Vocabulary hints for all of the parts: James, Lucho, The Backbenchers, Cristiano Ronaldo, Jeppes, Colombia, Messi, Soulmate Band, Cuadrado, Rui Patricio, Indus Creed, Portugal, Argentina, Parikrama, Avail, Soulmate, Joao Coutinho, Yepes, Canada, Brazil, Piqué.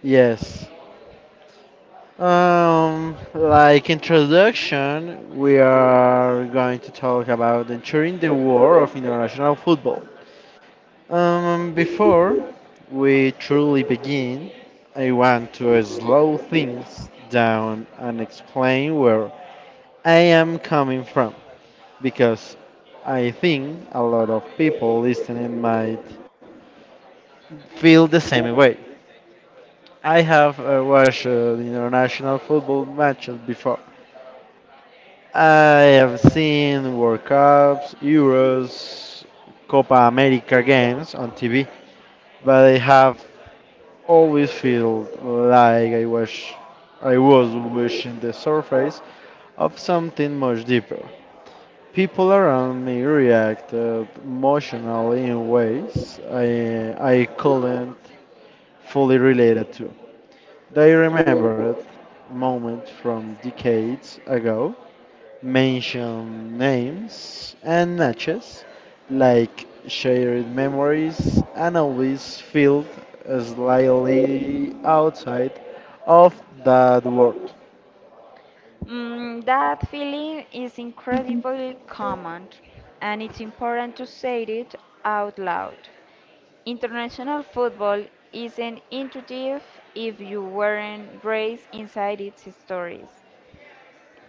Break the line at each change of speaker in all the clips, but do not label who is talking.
Yes. Like introduction, we are going to talk about entering the war of international football. Before we truly begin, I want to slow things down and explain where I am coming from, because I think a lot of people listening might feel the same way. I have watched the international football matches before. I have seen World Cups, Euros, Copa America games on TV, but I have always felt like I was wishing the surface of something much deeper. People around me reacted emotionally in ways I couldn't fully relate to. They remembered moments from decades ago, mention names and matches, like shared memories, and always felt slightly outside of that world.
That feeling is incredibly common, and it's important to say it out loud. International football isn't intuitive if you weren't raised inside its stories.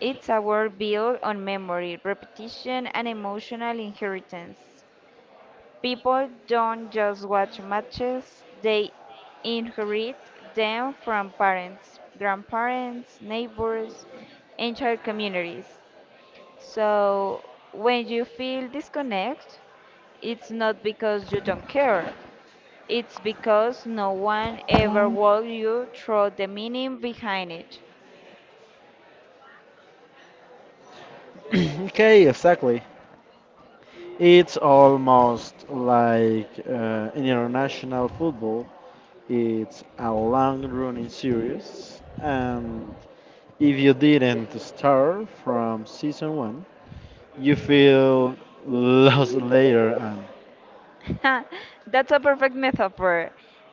It's a world built on memory, repetition, and emotional inheritance. People don't just watch matches, they inherit them from parents, grandparents, neighbors, entire communities. So when you feel disconnect, it's not because you don't care. It's because no one ever walked you through the meaning behind it.
Okay, exactly. It's almost like in international football. It's a long running series, and if you didn't start from season one, you feel lost later on.
That's a perfect metaphor.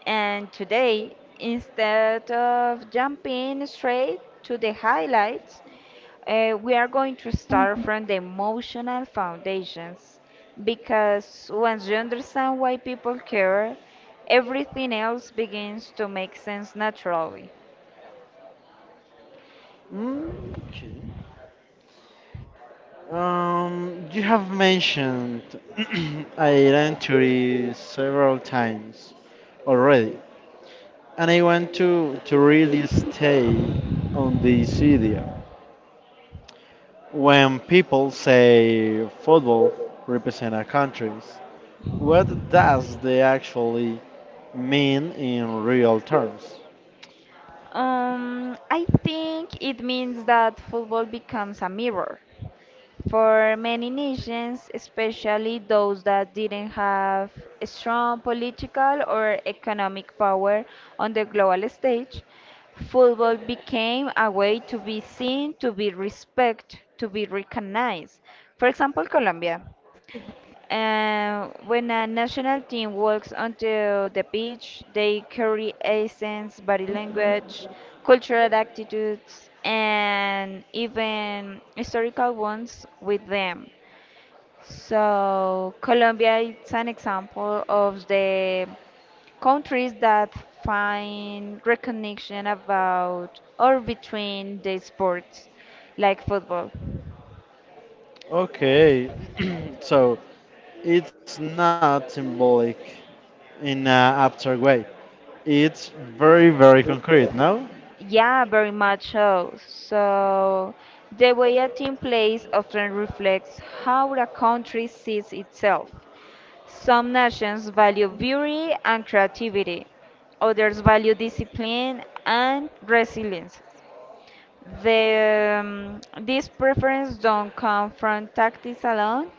And today, instead of jumping straight to the highlights, we are going to start from the emotional foundations. Because once you understand why people care, everything else begins to make sense naturally.
Mm, okay. You have mentioned identity several times already, and I want to really stay on this idea. When people say football represent our countries, what does they actually mean in real terms?
I think it means that football becomes a mirror for many nations, especially those that didn't have strong political or economic power on the global stage. Football became a way to be seen, to be respected, to be recognized. For example, Colombia. When a national team walks onto the pitch, they carry accents, body language, cultural attitudes, and even historical ones with them. So, Colombia is an example of the countries that find recognition about or between the sports, like football.
Okay, so it's not symbolic in an abstract way. It's very, very concrete, no?
Yeah, very much so. So, the way a team plays often reflects how a country sees itself. Some nations value beauty and creativity, others value discipline and resilience. These preferences don't come from tactics alone,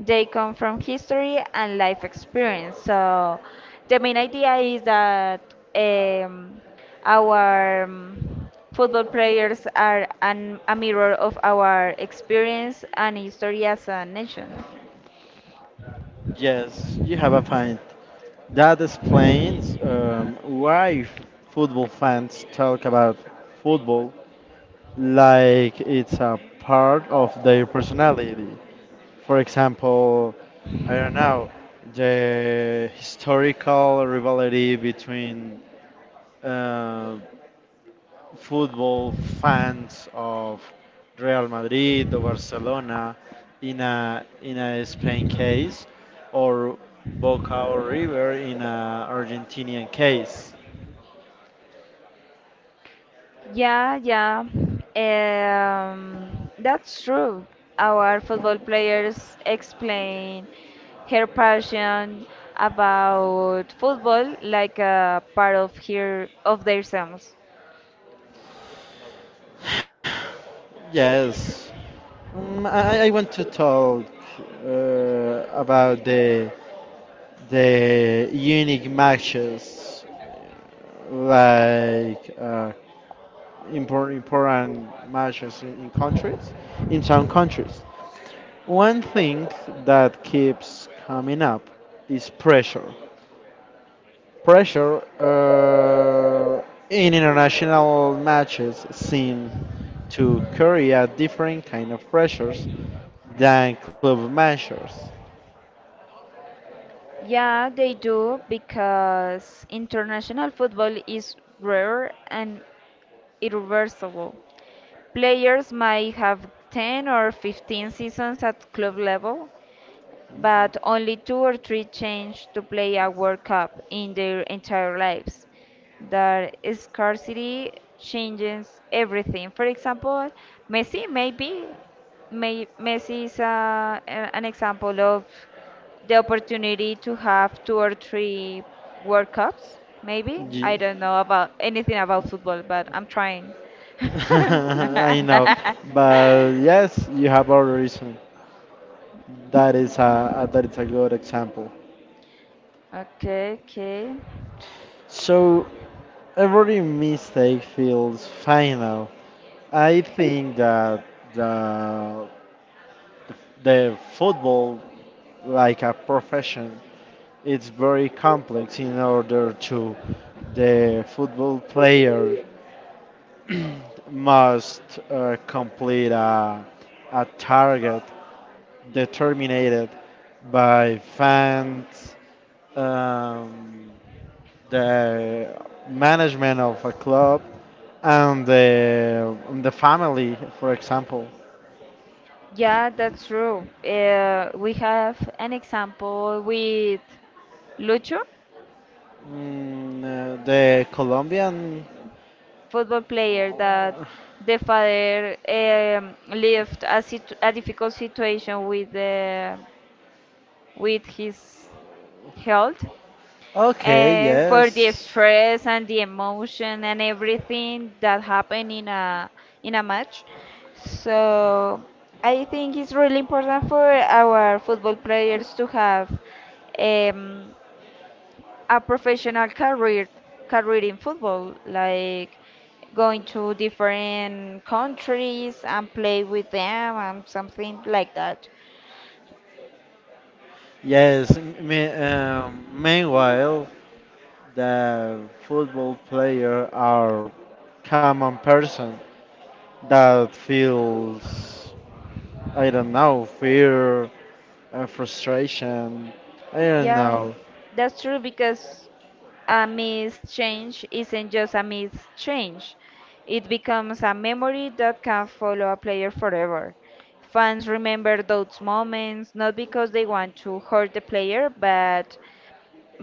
they come from history and life experience. So, the main idea is that um, our football players are a mirror of our experience and history as a nation.
Yes, you have a point. That explains why football fans talk about football like it's a part of their personality. For example, I don't know, the historical rivalry between uh, football fans of Real Madrid or Barcelona in a Spain case or Boca or River in a Argentinian case.
Yeah, yeah. That's true. Our football players explain her passion about football like a part of her of themselves.
Yes. I want to talk about the unique matches, like important matches in countries, in some countries. One thing that keeps coming up is pressure. Pressure in international matches seem to carry a different kind of pressures than club matches.
Yeah, they do because international football is rare and irreversible. Players might have 10 or 15 seasons at club level, but only two or three change to play a World Cup in their entire lives. That scarcity changes everything. For example, Messi maybe Messi is an example of the opportunity to have two or three World Cups. Maybe
Ye-
I don't know about anything about football, but I'm trying.
I know, but yes, you have a reason. That is a that is a good example.
Okay.
So every mistake feels final. I think that the, the football, like a profession, it's very complex in order to the football player must complete a target determined by fans, um, the management of a club, and the family, for example.
Yeah, that's true. We have an example with Lucho,
Mm, the Colombian.
football player that
Oh.
the father lived a difficult situation with with his health
Okay,
for the
yes.
stress and the emotion and everything that happened in a match. So I think it's really important for our football players to have um, a professional career in football, like going to different countries and play with them and something like that.
Yes, meanwhile, the football player are common person that feels I don't know, fear, frustration. I don't
Yeah,
know.
that's true because a missed change isn't just a missed change; it becomes a memory that can follow a player forever. Fans remember those moments not because they want to hurt the player, but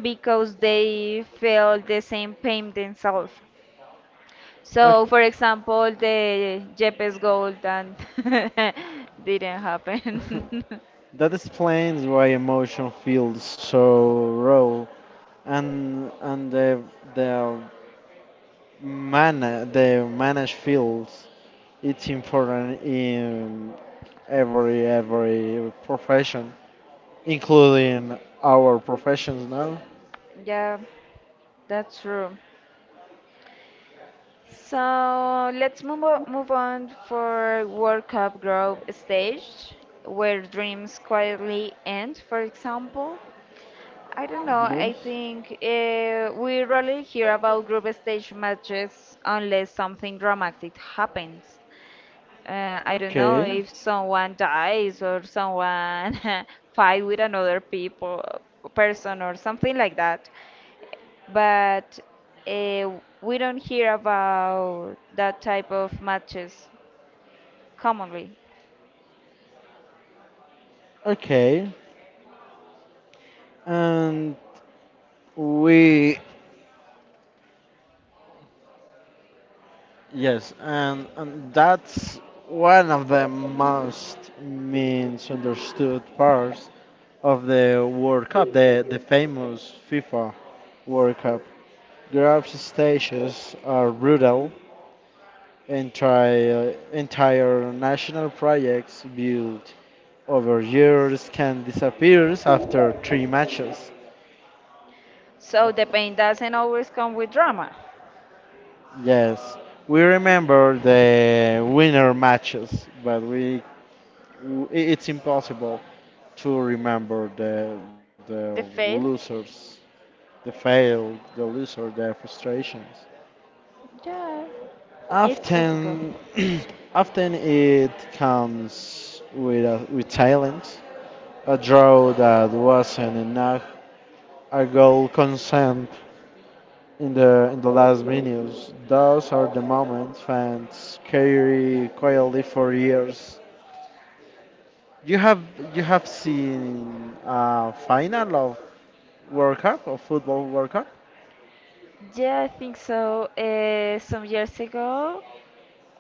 because they feel the same pain themselves. So,
Okay.
for example, the Jeppes goal that didn't happen.
That explains why emotion feels so raw and and the manage feels it's important in every profession including our professions now.
Yeah, that's true. So let's move on for World Cup group stage, where dreams quietly end. For example, I don't know. I
Mhm.
think we rarely hear about group stage matches unless something dramatic happens. I don't know
Okay.
if someone dies or someone fight with another people person or something like that, but uh, we don't hear about that type of matches commonly.
Okay. And we Yes, and that's one of the most misunderstood parts of the World Cup, the famous FIFA World Cup. Group stages are brutal. Entire national projects built over years can disappear after three matches.
So the pain doesn't always come with drama.
Yes, we remember the winner matches, but it's impossible to remember the
The fail,
losers, the fail, the loser, the frustrations.
yeah, it's difficult.
Often, often it comes with with talent, a draw that wasn't enough, a goal consent in the last minutes. Those are the moments fans carry quietly for years. You have you have seen a final of World Cup or football World Cup?
Yeah, I think so. Some years ago,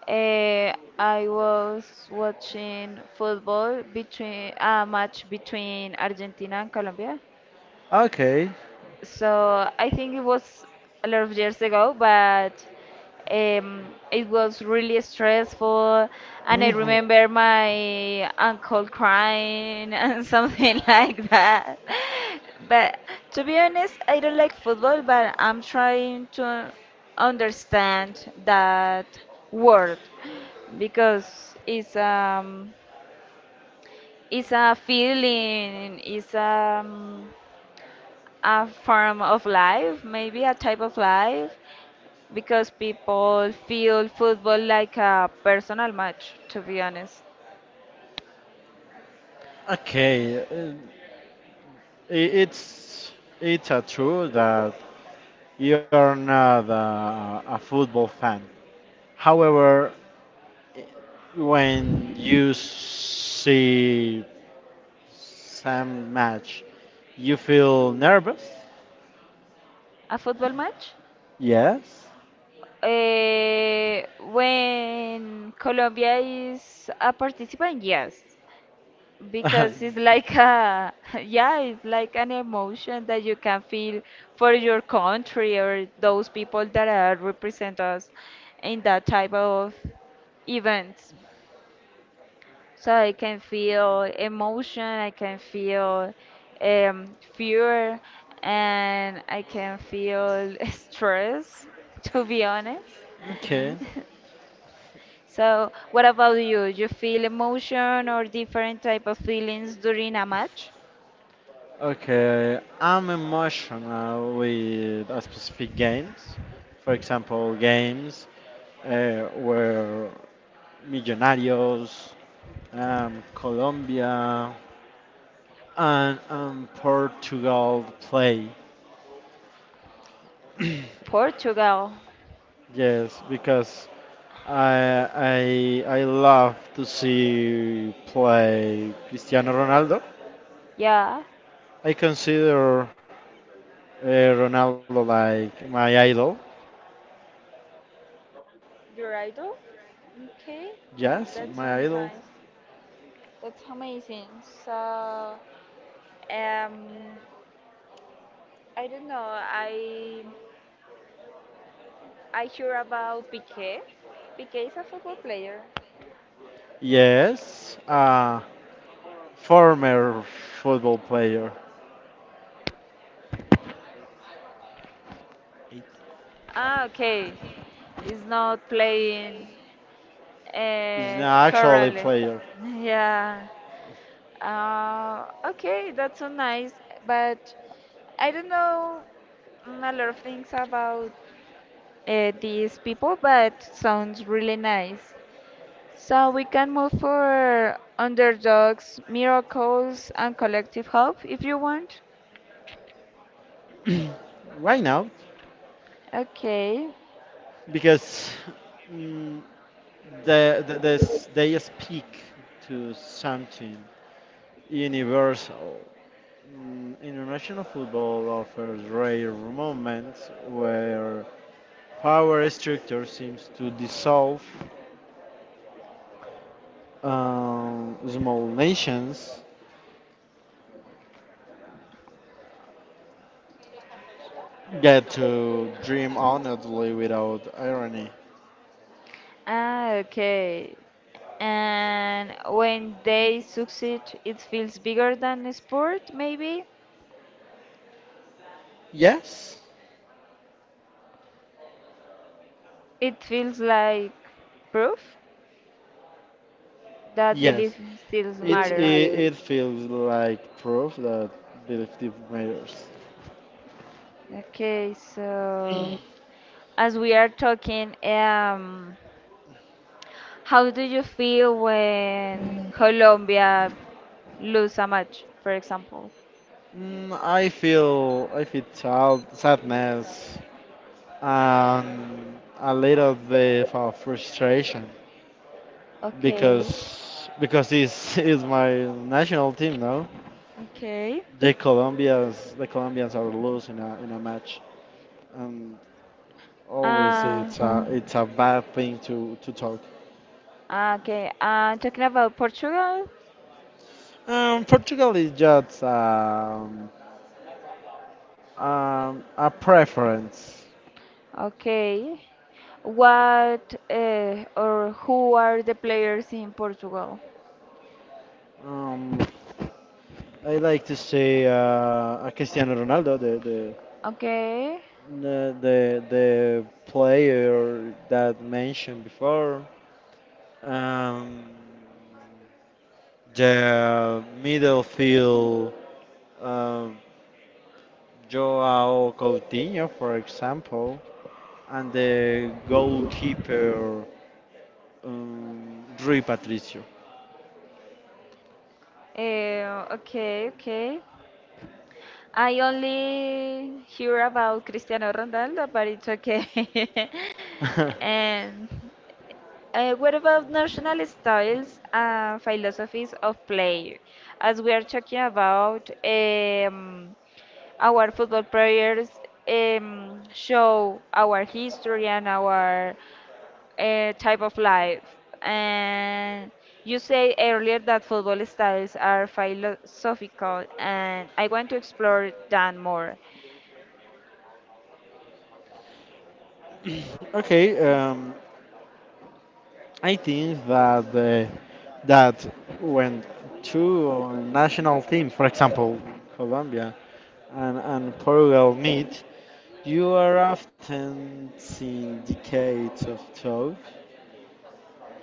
uh, I was watching football between a match between Argentina and Colombia.
Okay.
So I think it was a lot of years ago, but it was really stressful. And I
Mhm.
remember my uncle crying and something like that. But to be honest, I don't like football, but I'm trying to understand that word because it's it's a feeling, it's a form of life, maybe a type of life, because people feel football like a personal match, to be honest.
Okay, i- it's it's a true that you're not a football fan. However, when you see Sam match. You feel nervous?
A football match?
Yes.
Eh, when Colombia is a participant, yes, because it's like a, yeah, it's like an emotion that you can feel for your country or those people that are represent us in that type of events. So I can feel emotion, I can feel fear, and I can feel stress, to be honest.
Okay.
So what about you? You feel emotion or different type of feelings during a match?
Okay. I'm emotional with a specific games. For example, games where Millonarios, Colombia, and Portugal play.
Portugal.
Yes, because I love to see play Cristiano Ronaldo.
Yeah.
I consider Ronaldo like my idol.
Your idol? Okay.
Yes, my
That
idol.
sounds nice. That's amazing. So, um, I don't know. I hear about Piqué. Piqué is a football player.
Yes, a former football player. He's
Ah, okay. It's not playing
an actually
currently.
player
Yeah. Okay, that's so nice. But I don't know mm, a lot of things about these people, but sounds really nice. So we can move for underdogs, miracles, and collective hope if you want.
right now
Okay.
because mm, the, they speak to something. Universal. Mm, international football offers rare moments where power structure seems to dissolve. Small nations get to dream honestly without irony.
Ah, okay. And when they succeed, it feels bigger than a sport, maybe?
Yes,
It feels like proof that
yes.
belief still matters.
It feels like proof that belief matters.
Okay, so as we are talking, how do you feel when Colombia lose a match, for example?
Mm, I feel sad, sadness and a little bit of frustration
Okay,
because it's, it's my national team now.
okay.
The Colombians are losing in a match, and always
Uh,
it's a bad thing to talk.
okay, talking about Portugal,
Portugal is just a preference.
okay. What or who are the players in Portugal?
Um, I like to say a Cristiano Ronaldo,
Okay.
the player that mentioned before, um, the midfield um, Joao Coutinho, for example, and the goalkeeper Rui Patricio.
Okay, okay. I only hear about Cristiano Ronaldo, but it's okay. And uh, what about national styles and philosophies of play? As we are talking about our football players show our history and our type of life. And you say earlier that football styles are philosophical, and I want to explore that more.
Okay, I think that that when two national teams, for example, Colombia and Portugal meet, you are often seeing decades of talk,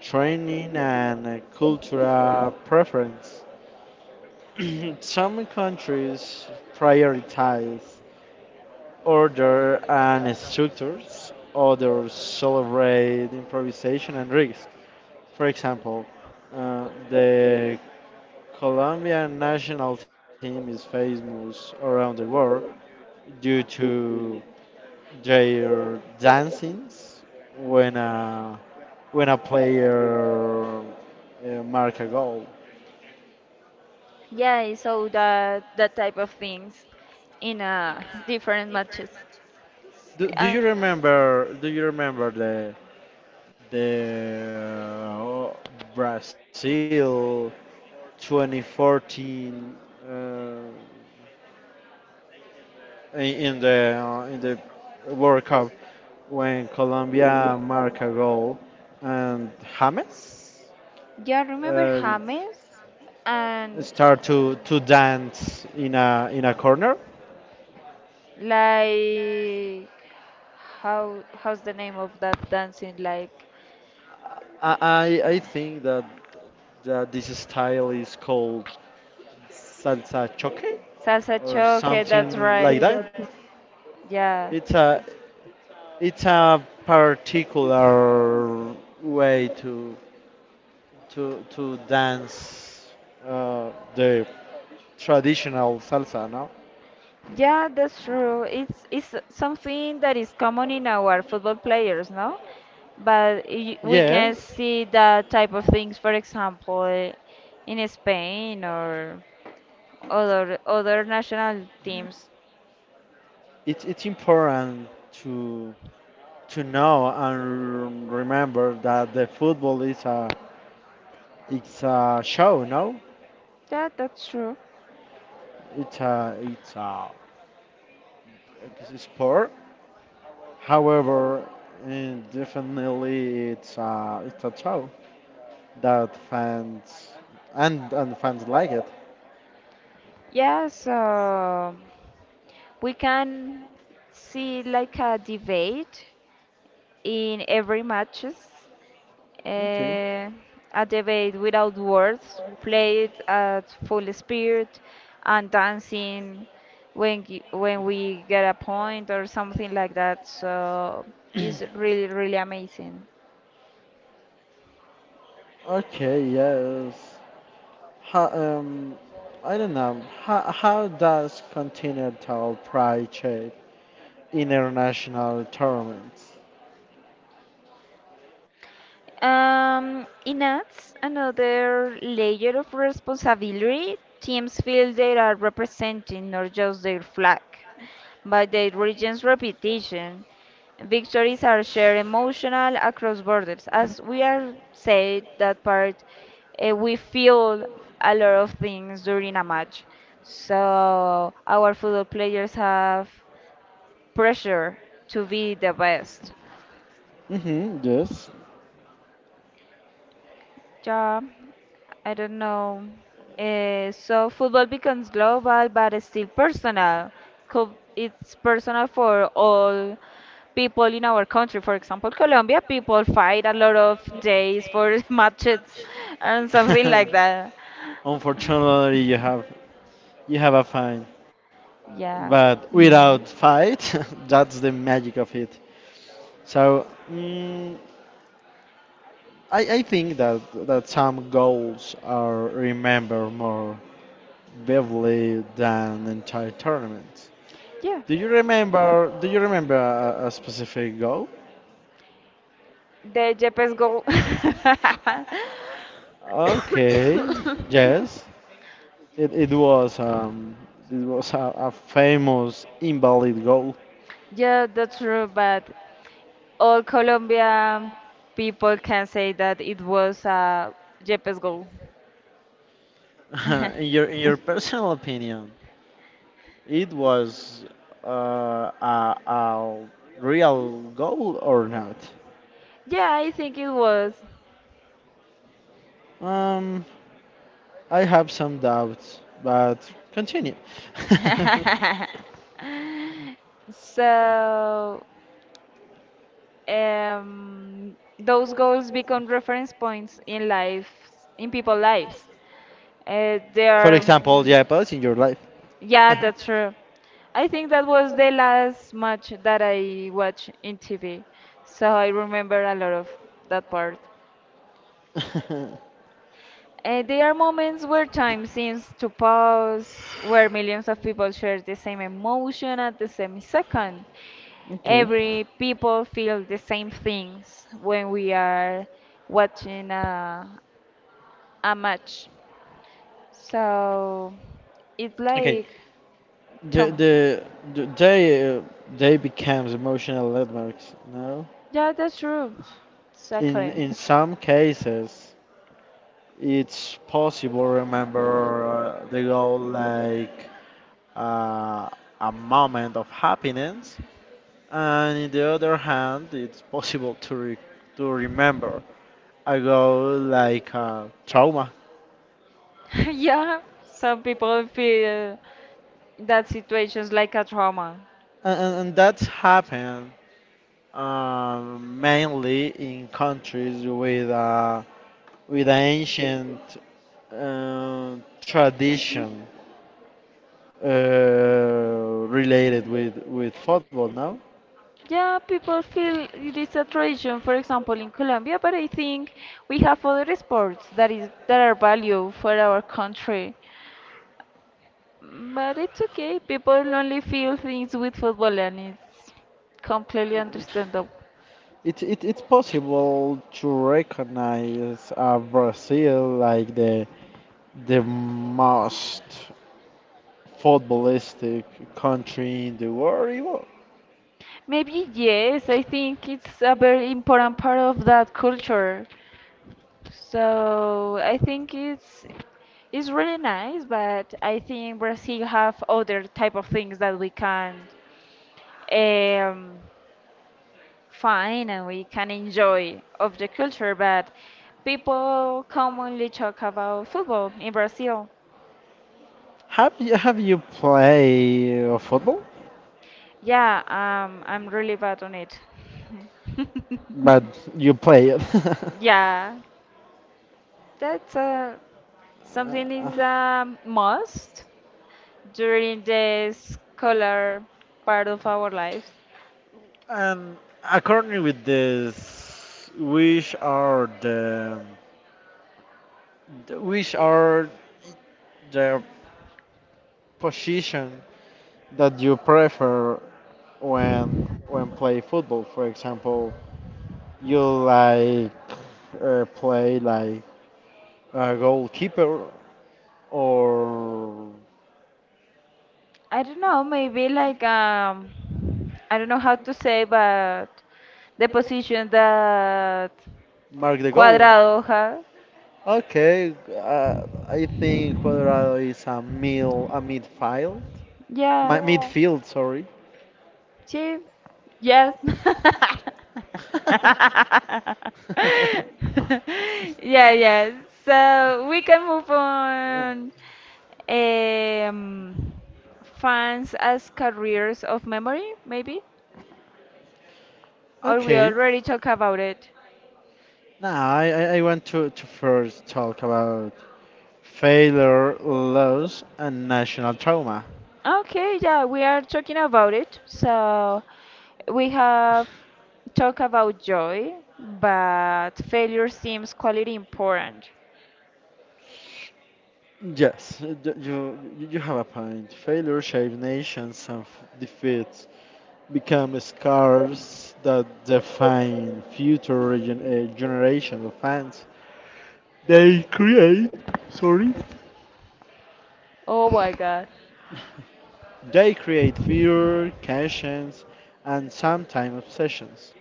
training, and cultural preference. Some countries prioritize order and structures, others celebrate improvisation and risk. For example, the Colombian national team is famous around the world due to their dancings when when a player mark a goal.
Yeah, so that that type of things in different matches.
Do, do
Uh,
you remember? Do you remember the Brazil 2014 uh, in in the World Cup when Colombia marked a goal and James
yeah, remember
uh,
James and
start to dance in a corner.
like how how's the name of that dancing like
I think that this style is called salsa choque
salsa
or
choque? That's
something
right.
like that.
Yeah.
It's a It's a particular way to dance the traditional salsa, no?
Yeah, that's true. It's something that is common in our football players, no? But we can
Yes.
see that type of things, for example, eh, in Spain or other other national teams.
It's important to to know and remember that the football is a it's a show, no?
Yeah, that's true.
It's a sport. However, eh, definitely it's a show that fans and fans like it.
Yes, we can see like a debate in every matches.
Okay,
Uh, a debate without words, played at full spirit and dancing when we get a point or something like that. So it's really really amazing.
okay, yes. How, I don't know. How does Continental Pride shape international tournaments?
It adds another layer of responsibility. Teams feel they are representing not just their flag, but their region's reputation. Victories are shared emotional across borders. As we are said that part, eh, we feel a lot of things during a match. So our football players have pressure to be the best.
Mm-hmm. Yes.
Job. I don't know. So football becomes global, but it's still personal. It's personal for all people in our country. For example, Colombia people fight a lot of days for matches and something like that.
Unfortunately, you have a fine,
Yeah.
but without fight, that's the magic of it. So mm, I think that some goals are remembered more vividly than entire tournaments.
Yeah.
Do you remember? Do you remember a specific goal?
The Jepes go.
Okay, yes, it, it was um it was a famous invalid goal.
Yeah, that's true, but all Colombian people can say that it was Yepes goal. yeah,
In your personal opinion, it was uh, a real goal or not?
I think it was.
Um, I have some doubts, but continue.
So those goals become reference points in life, in people's lives. They are.
Example, yeah, but in your life.
Yeah, that's true. I think that was the last match that I watched in TV, so I remember a lot of that part.
Remember about that
There are moments where time seems to pause, where millions of people share the same emotion at the same second.
part.
Every people feel the same things when we are watching a match. So it's
Okay,
like, tell
the
me.
the, the they uh, they becomes emotional landmarks. No,
Yeah, that's true. Exactly.
in some cases, it's possible. Remember they go like uh, a moment of happiness, and in the other hand, it's possible to remember I go like trauma,
Yeah, some people feel that situation's like a trauma.
and that's happened mainly in countries with ancient uh, tradition related with football. Now,
Yeah, people feel it is a tradition, for example, in Colombia, but I think we have other sports that is that are value for our country. But it's okay. People only feel things with football, and it's completely understandable.
it's possible to recognize Brazil like the most footballistic country in the world. Ivo.
Maybe yes, I think it's a very important part of that culture. So I think it's really nice, but I think Brazil have other type of things that we can um, find and we can enjoy of the culture. But people commonly talk about football in Brazil.
Have you played football?
Yeah, I'm really bad on it.
But you play it.
Yeah, that's something
Uh,
is a must during the scholar part of our lives.
and according with this, which are which are the position that you prefer when when play football? For example, you like play like a goalkeeper or
I don't know, maybe like I don't know how to say, but the position that
mark the goal.
Cuadrado had.
Okay, I think Cuadrado is a midfield.
Yeah.
Mi- midfield, sorry.
Sí. Yes. Yeah, yeah. So we can move on. Um, fans as careers of memory, maybe, or we
Okay.
already talk about it.
Now I want to first talk about failure, loss, and national trauma.
Okay, yeah, we are talking about it. So we have talked about joy, but failure seems quality important.
Yes, you, you have a point. Failure shapes nations and defeats become scars that define future generations of fans. They create, sorry,
Oh my god.
they create fear, conscience, and sometimes obsessions.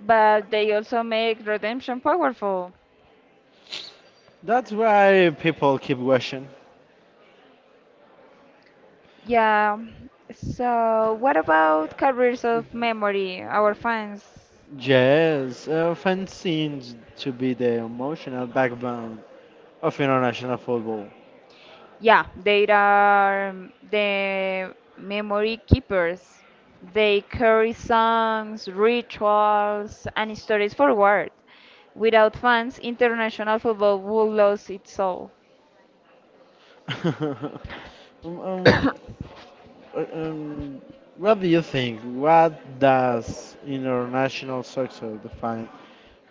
But they also make redemption powerful.
That's why people keep watching.
Yeah. So what about careers of memory, our fans?
Yes, fans seems to be the emotional backbone of international football.
Yeah, they are the memory keepers. They carry songs, rituals, and stories forward. Without fans, international football would lose its soul.
um, um,
I
uh, um, what do you think? What does international soccer define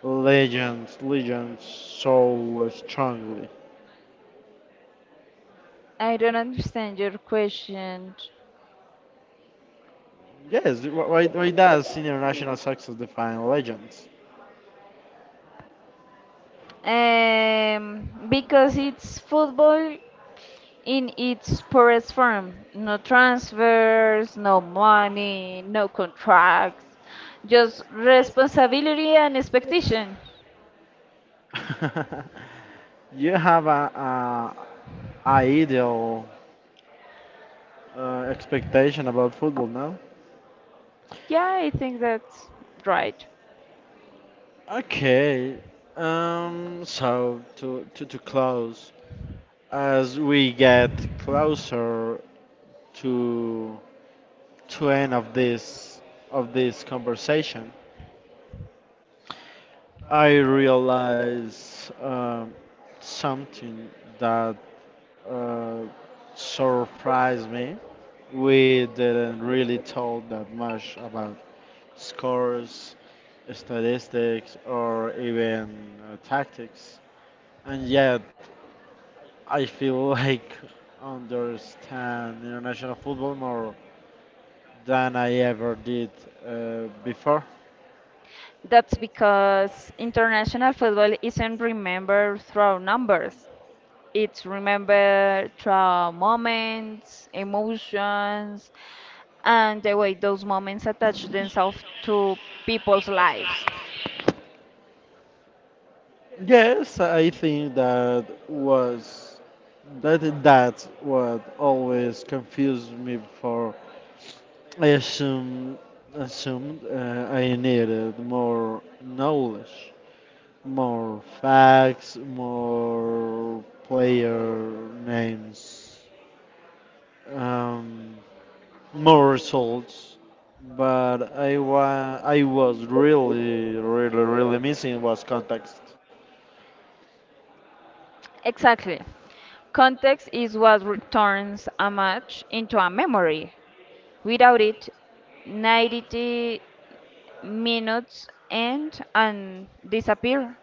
legends so strongly?
don't understand your question.
Yes, why does international soccer define legends?
Because it's football in its purest form. No transfers, no money, no contracts, just responsibility and expectation.
You have a ideal expectation about football, no?
Yeah, I think that's right.
Okay, so to close, as we get closer to to end of this conversation, I realize something that uh, surprised me. We didn't really talk that much about scores, statistics, or even tactics, and yet I feel like understand international football more than I ever did before.
That's because international football isn't remembered through numbers. It's remembered through moments, emotions, and the way those moments attach themselves to people's lives.
Yes, I think that was that's what always confused me before. I assumed assumed I needed more knowledge, more facts, more player names, um, more results. But I was really, really, really missing was context.
Exactly. Context is what returns a match into a memory. Without it, 90 minutes end and disappear.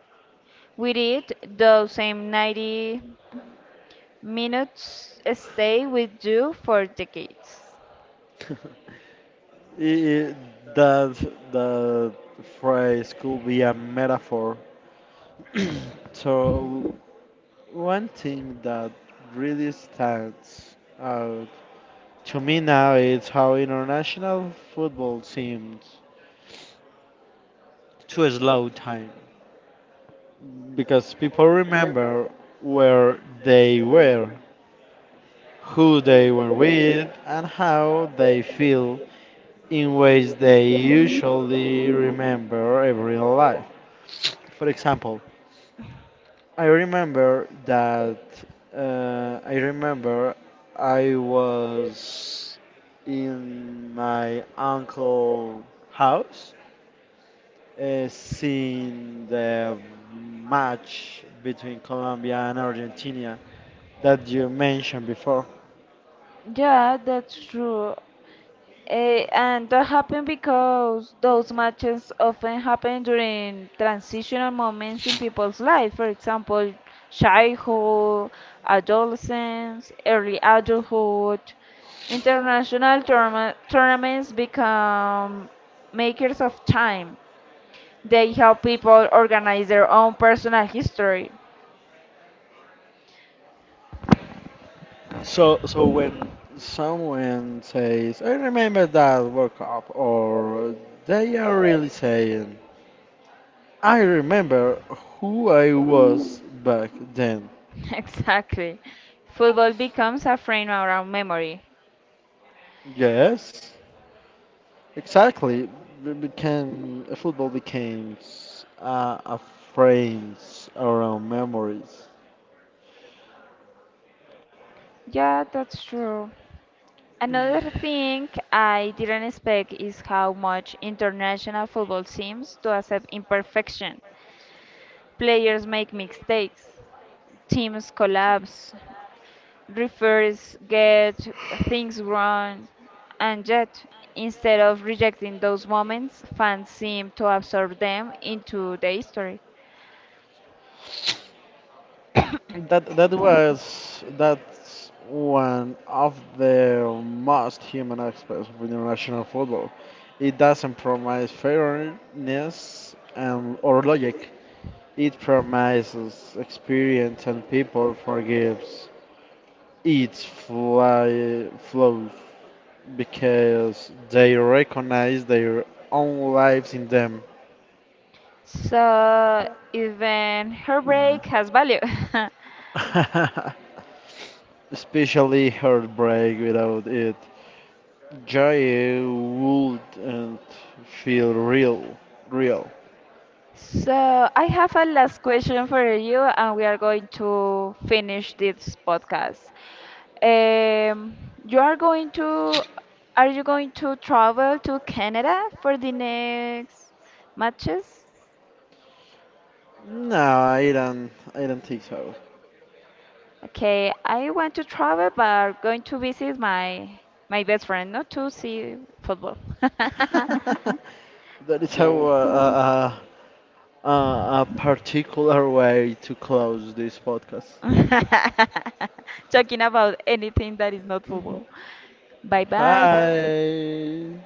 We did the same 90 minutes stay with you for decades.
I- i- that that phrase could be a metaphor. So one thing that really stands out to me now is how international football seems to slow time because people remember where they were who they were with, and how they feel in ways they usually remember every life. For example, I remember that I remember I was in my uncle house seeing the match between Colombia and Argentina that you mentioned before.
Yeah, that's true. Eh, and that happened because those matches often happen during transitional moments in people's life. For example, childhood, adolescence, early adulthood. International tournaments become makers of time. They help people organize their own personal history.
So, so when someone says, "I remember that World Cup," or they are really saying, "I remember who I was back then."
Exactly. Football becomes a frame around memory.
Yes, exactly. We became football became a frames around memories.
Yeah, that's true. Another thing I didn't expect is how much international football seems to accept imperfection. Players make mistakes, teams collapse, refers get things wrong, and yet, instead of rejecting those moments, fans seem to absorb them into the history.
That's one of the most human aspects of international football. It doesn't promise fairness and or logic. It promises experience and people forgives its flaws because they recognize their own lives in them.
So even heartbreak has value.
Especially heartbreak without it. Joy wouldn't feel real.
So I have a last question for you, and we are going to finish this podcast. You are going to, Are you going to travel to Canada for the next matches?
No, I don't. I don't think so.
Okay, I want to travel, but going to visit my my best friend, not to see football.
That is how
Okay.
uh, a particular way to close this podcast.
Talking about anything that is not football. Bye bye.
Hi.